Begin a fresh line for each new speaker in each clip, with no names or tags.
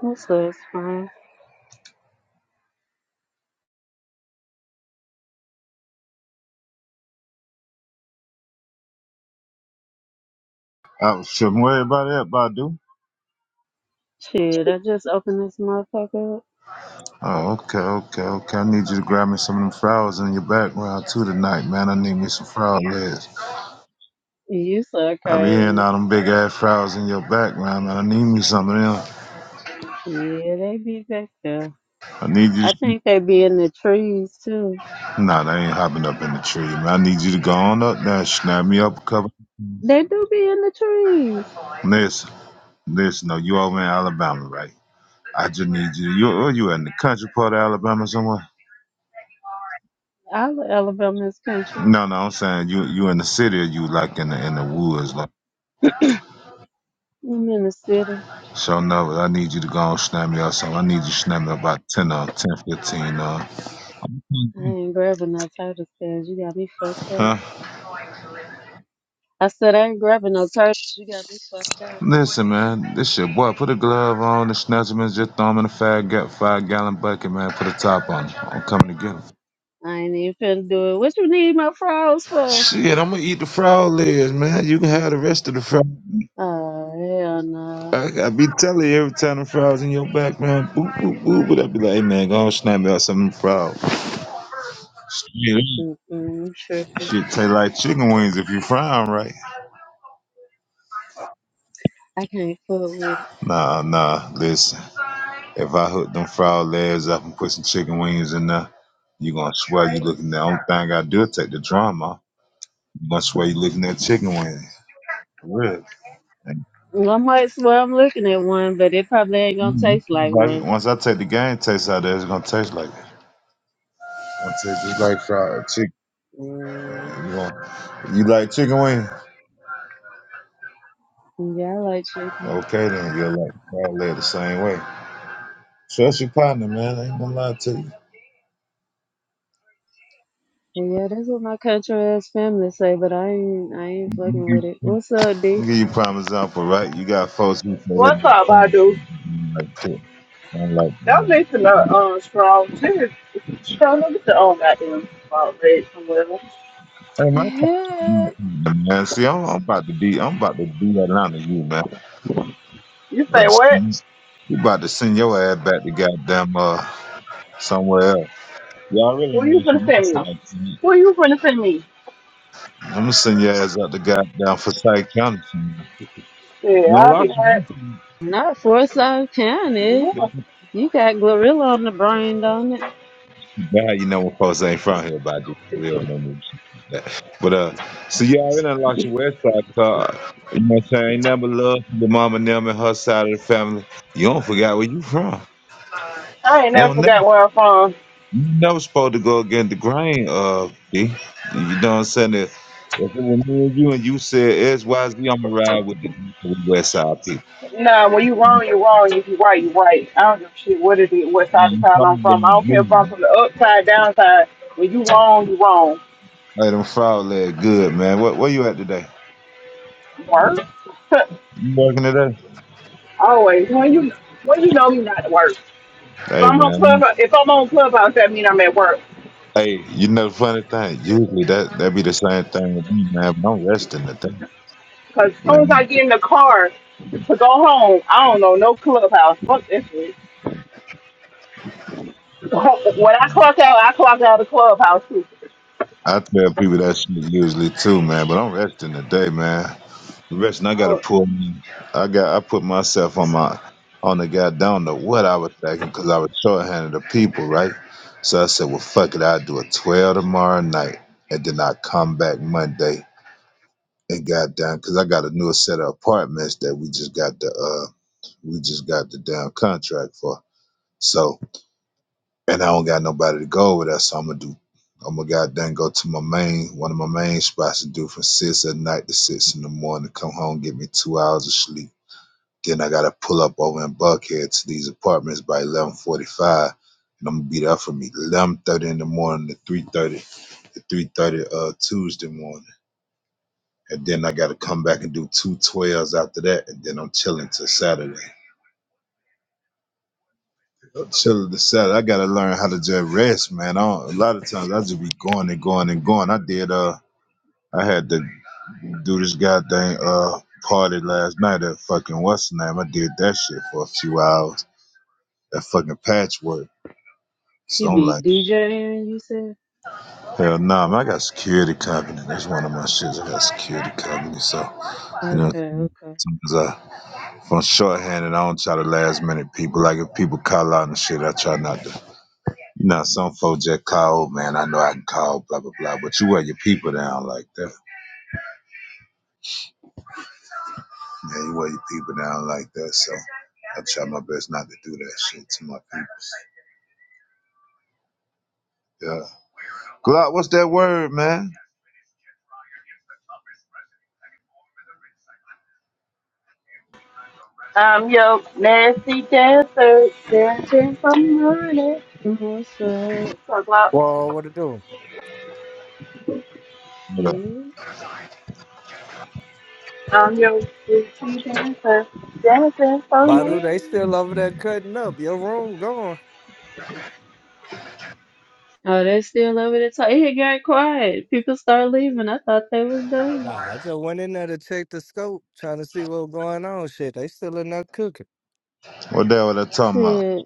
So it's fine.
I shouldn't worry about that, Badu.
Shit, I just opened this motherfucker up.
Oh, okay, okay, okay. I need you to grab me some of them flowers in your background too tonight, man. I need me some flower lids.
You so
I be hearing
crazy.
all them big ass flowers in your background, man. I need me something. of
Yeah, they be back there.
I need you
I
to...
think they be in the trees too.
Nah, they ain't hopping up in the tree, man. I need you to go on up there, snap me up a couple.
They do be in the trees.
Listen, listen, no, you over in Alabama, right? I just need you. You or you in the country part of Alabama somewhere?
All of Alabama's country.
No, no, I'm saying you you in the city or you like in the in the woods. like.
I'm in the city.
So no, I need you to go and snap me up something. I need you to snap me up about 10 or 10, fifteen or.
I ain't grabbing no turtle scales. You got me fucked up.
Huh?
I said I ain't grabbing no turtles. You got me fucked up.
Listen, man, this shit, boy, put a glove on the snatchman, just throw him in a five, ga- five gallon bucket, man. Put a top on him. I'm coming to get him.
I ain't even finna do it. What you need my frogs for?
Shit, I'm gonna eat the frog legs, man. You can have the rest of the frog.
Oh, hell no.
I, I be telling you every time the frog's in your background, boop, boop, boop, but I be like, hey, man, go and snap me up some frog. Shit,
Mm-mm, I'm tripping.
shit taste like chicken wings if you fry 'em right.
I can't fuck with it.
Nah, nah, listen. If I hook them frog legs up and put some chicken wings in there, you're gonna swear you looking at the only thing I do is take the drama. You're gonna swear you looking at chicken wings. For real. And,
Well, I might swear I'm looking at one, but it probably ain't gonna
mm, it
taste
tastes
like
like it.
one.
Once I take the game taste out of there, it's gonna taste like it. It's gonna taste just like fried chicken.
Mm,
You, gonna, you like chicken wings?
yeah, I like chicken.
Okay then, you'll like frog leg the same way. Trust your partner, man. I ain't gonna lie to you.
And yeah, that's what my country ass family say, but I ain't, I ain't
I'll give
fucking with
you
it. What's up, D?
give you prime example, right? You got folks who say that
What's up, Badu?
like, chicken. I don't like, you
Y'all need to know,
know.
um, Strong. Serious. Strong, look at your own goddamn spot red somewhere.
Hey, my thoughts are
Heck,
man. See, I'm, I'm about to be, I'm about to be Atlanta, you man.
You
About
say
to send-
what?
You about to send your ass back to goddamn uh somewhere else. Y'all really
Who
know
you
what
finna
you
send
listen
me?
like. Man.
Who you finna send me?
I'm gonna send your ass out to goddamn Forsyth County. soon. You
Yeah,
know, a
I'll
lot
be
of
right.
you listen.
Not Forsyth County.
That's
Yeah.
You got gorilla on the brain, don't it?
too bad you know when folks ain't from here about this real and all that shit like that. But uh, so y'all really done lost your west side card. You know what I'm saying? Ain't nothing but love for your mama, them, and her side of the family. You don't forget where you from.
I ain't
You
never
don't.
forgot where I'm from.
You know, supposed to go against the grain, uh, B. You know what I'm saying? If if it was me and you and you said S, Y, Z, I'm gonna ride with the with the West Side people.
Nah, when you wrong, you wrong. If you right, you right. I don't give a shit what it is, what side of
You
town I'm
probably
from.
gonna
I don't
give
care if I'm
me
from the upside, downside. When you wrong, you wrong.
hey, them frog leg good, man. What where you at today?
Work?
You working today?
Always. When you when you know you not to work. If
Hey
I'm on
man.
clubhouse, if I'm on clubhouse, that means I'm at work.
Hey, you know the funny thing, usually that that be the same thing with me, man, but I'm resting today.
Cause as soon as I
Man,
get in the car to go home, I don't know no clubhouse. Fuck this shit. When I clock out, I clock out of clubhouse too.
I tell people that shit usually too, man, but I'm resting today, man. Rex, and I gotta
Oh,
pull. I got. I put myself on my on the guy. Don't know what I was thinking because I was shorthanded of people, right? So I said, "Well, fuck it. I'll do a twelve tomorrow night, and then I come back Monday and got down because I got a new set of apartments that we just got the uh we just got the damn contract for. So and I don't got nobody to go over there, so I'm gonna do. I'm gonna goddamn go to my main one of my main spots to do from six at night to six in the morning. Come home, get me two hours of sleep then I gotta pull up over in Buckhead to these apartments by eleven forty five. And I'm gonna be there from eleven thirty in the morning to three thirty to three thirty uh Tuesday morning. And then I gotta come back and do two twelves after that and then I'm chilling till Saturday. I'm chilling till Saturday. I gotta learn how to just rest, man. I don't, a lot of times I just be going and going and going. I did uh I had to do this goddamn uh party last night at fucking what's the name? I did that shit for a few hours. That fucking patchwork. So
You
I'm
be
like,
DJing, you said?
hell no, nah, man, I got security company. That's one of my shits. I got security company. So, you know,
Okay, okay.
sometimes I, if I'm shorthanded, I don't try to last minute people. Like if people call out and shit, I try not to. You know, some folks just call, "Oh, man, I know I can call, blah, blah, blah. But you wear your people down like that. Yeah, you wear your people down like that. So I try my best not to do that shit to my peoples. Yeah. Glock, what's that word, man?
I'm your nasty dancer, dancing for money.
What's up?
Talk about
Well, what it do?
What up?
Shit.
I'm your nasty dancer, dancing for
Badu,
money.
they still over there cutting up. Your room gone.
Oh, they still over there talking. It got quiet. People start leaving. I thought they was done.
Nah, I just went in there to check the scope, trying to see what going on. Shit, they still in there cooking.
What the hell are they talking about?
Shit,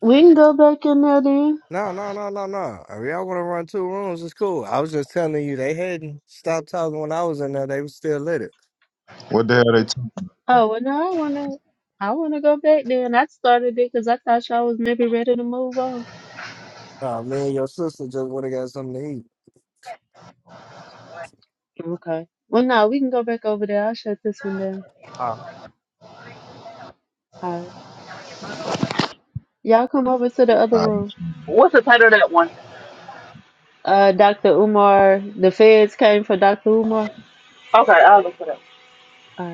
we can go back in there then.
No, no, no, no, no. If y'all want to run two rooms, it's cool. I was just telling you, they hadn't stopped talking when I was in there. They was still lit it.
What the hell are they talking
Oh, well, no, I wanna, I wanna go back there, and I started it because I thought y'all was maybe ready to move on.
Uh, me and your sister just would have got something to eat.
Okay. Well, no, we can go back over there. I'll shut this one down. All right. Y'all come over to the other room.
about?
What's the title of that one?
Uh, Dr. Umar, the feds came for Dr. Umar.
Okay, I'll look for that.
All right.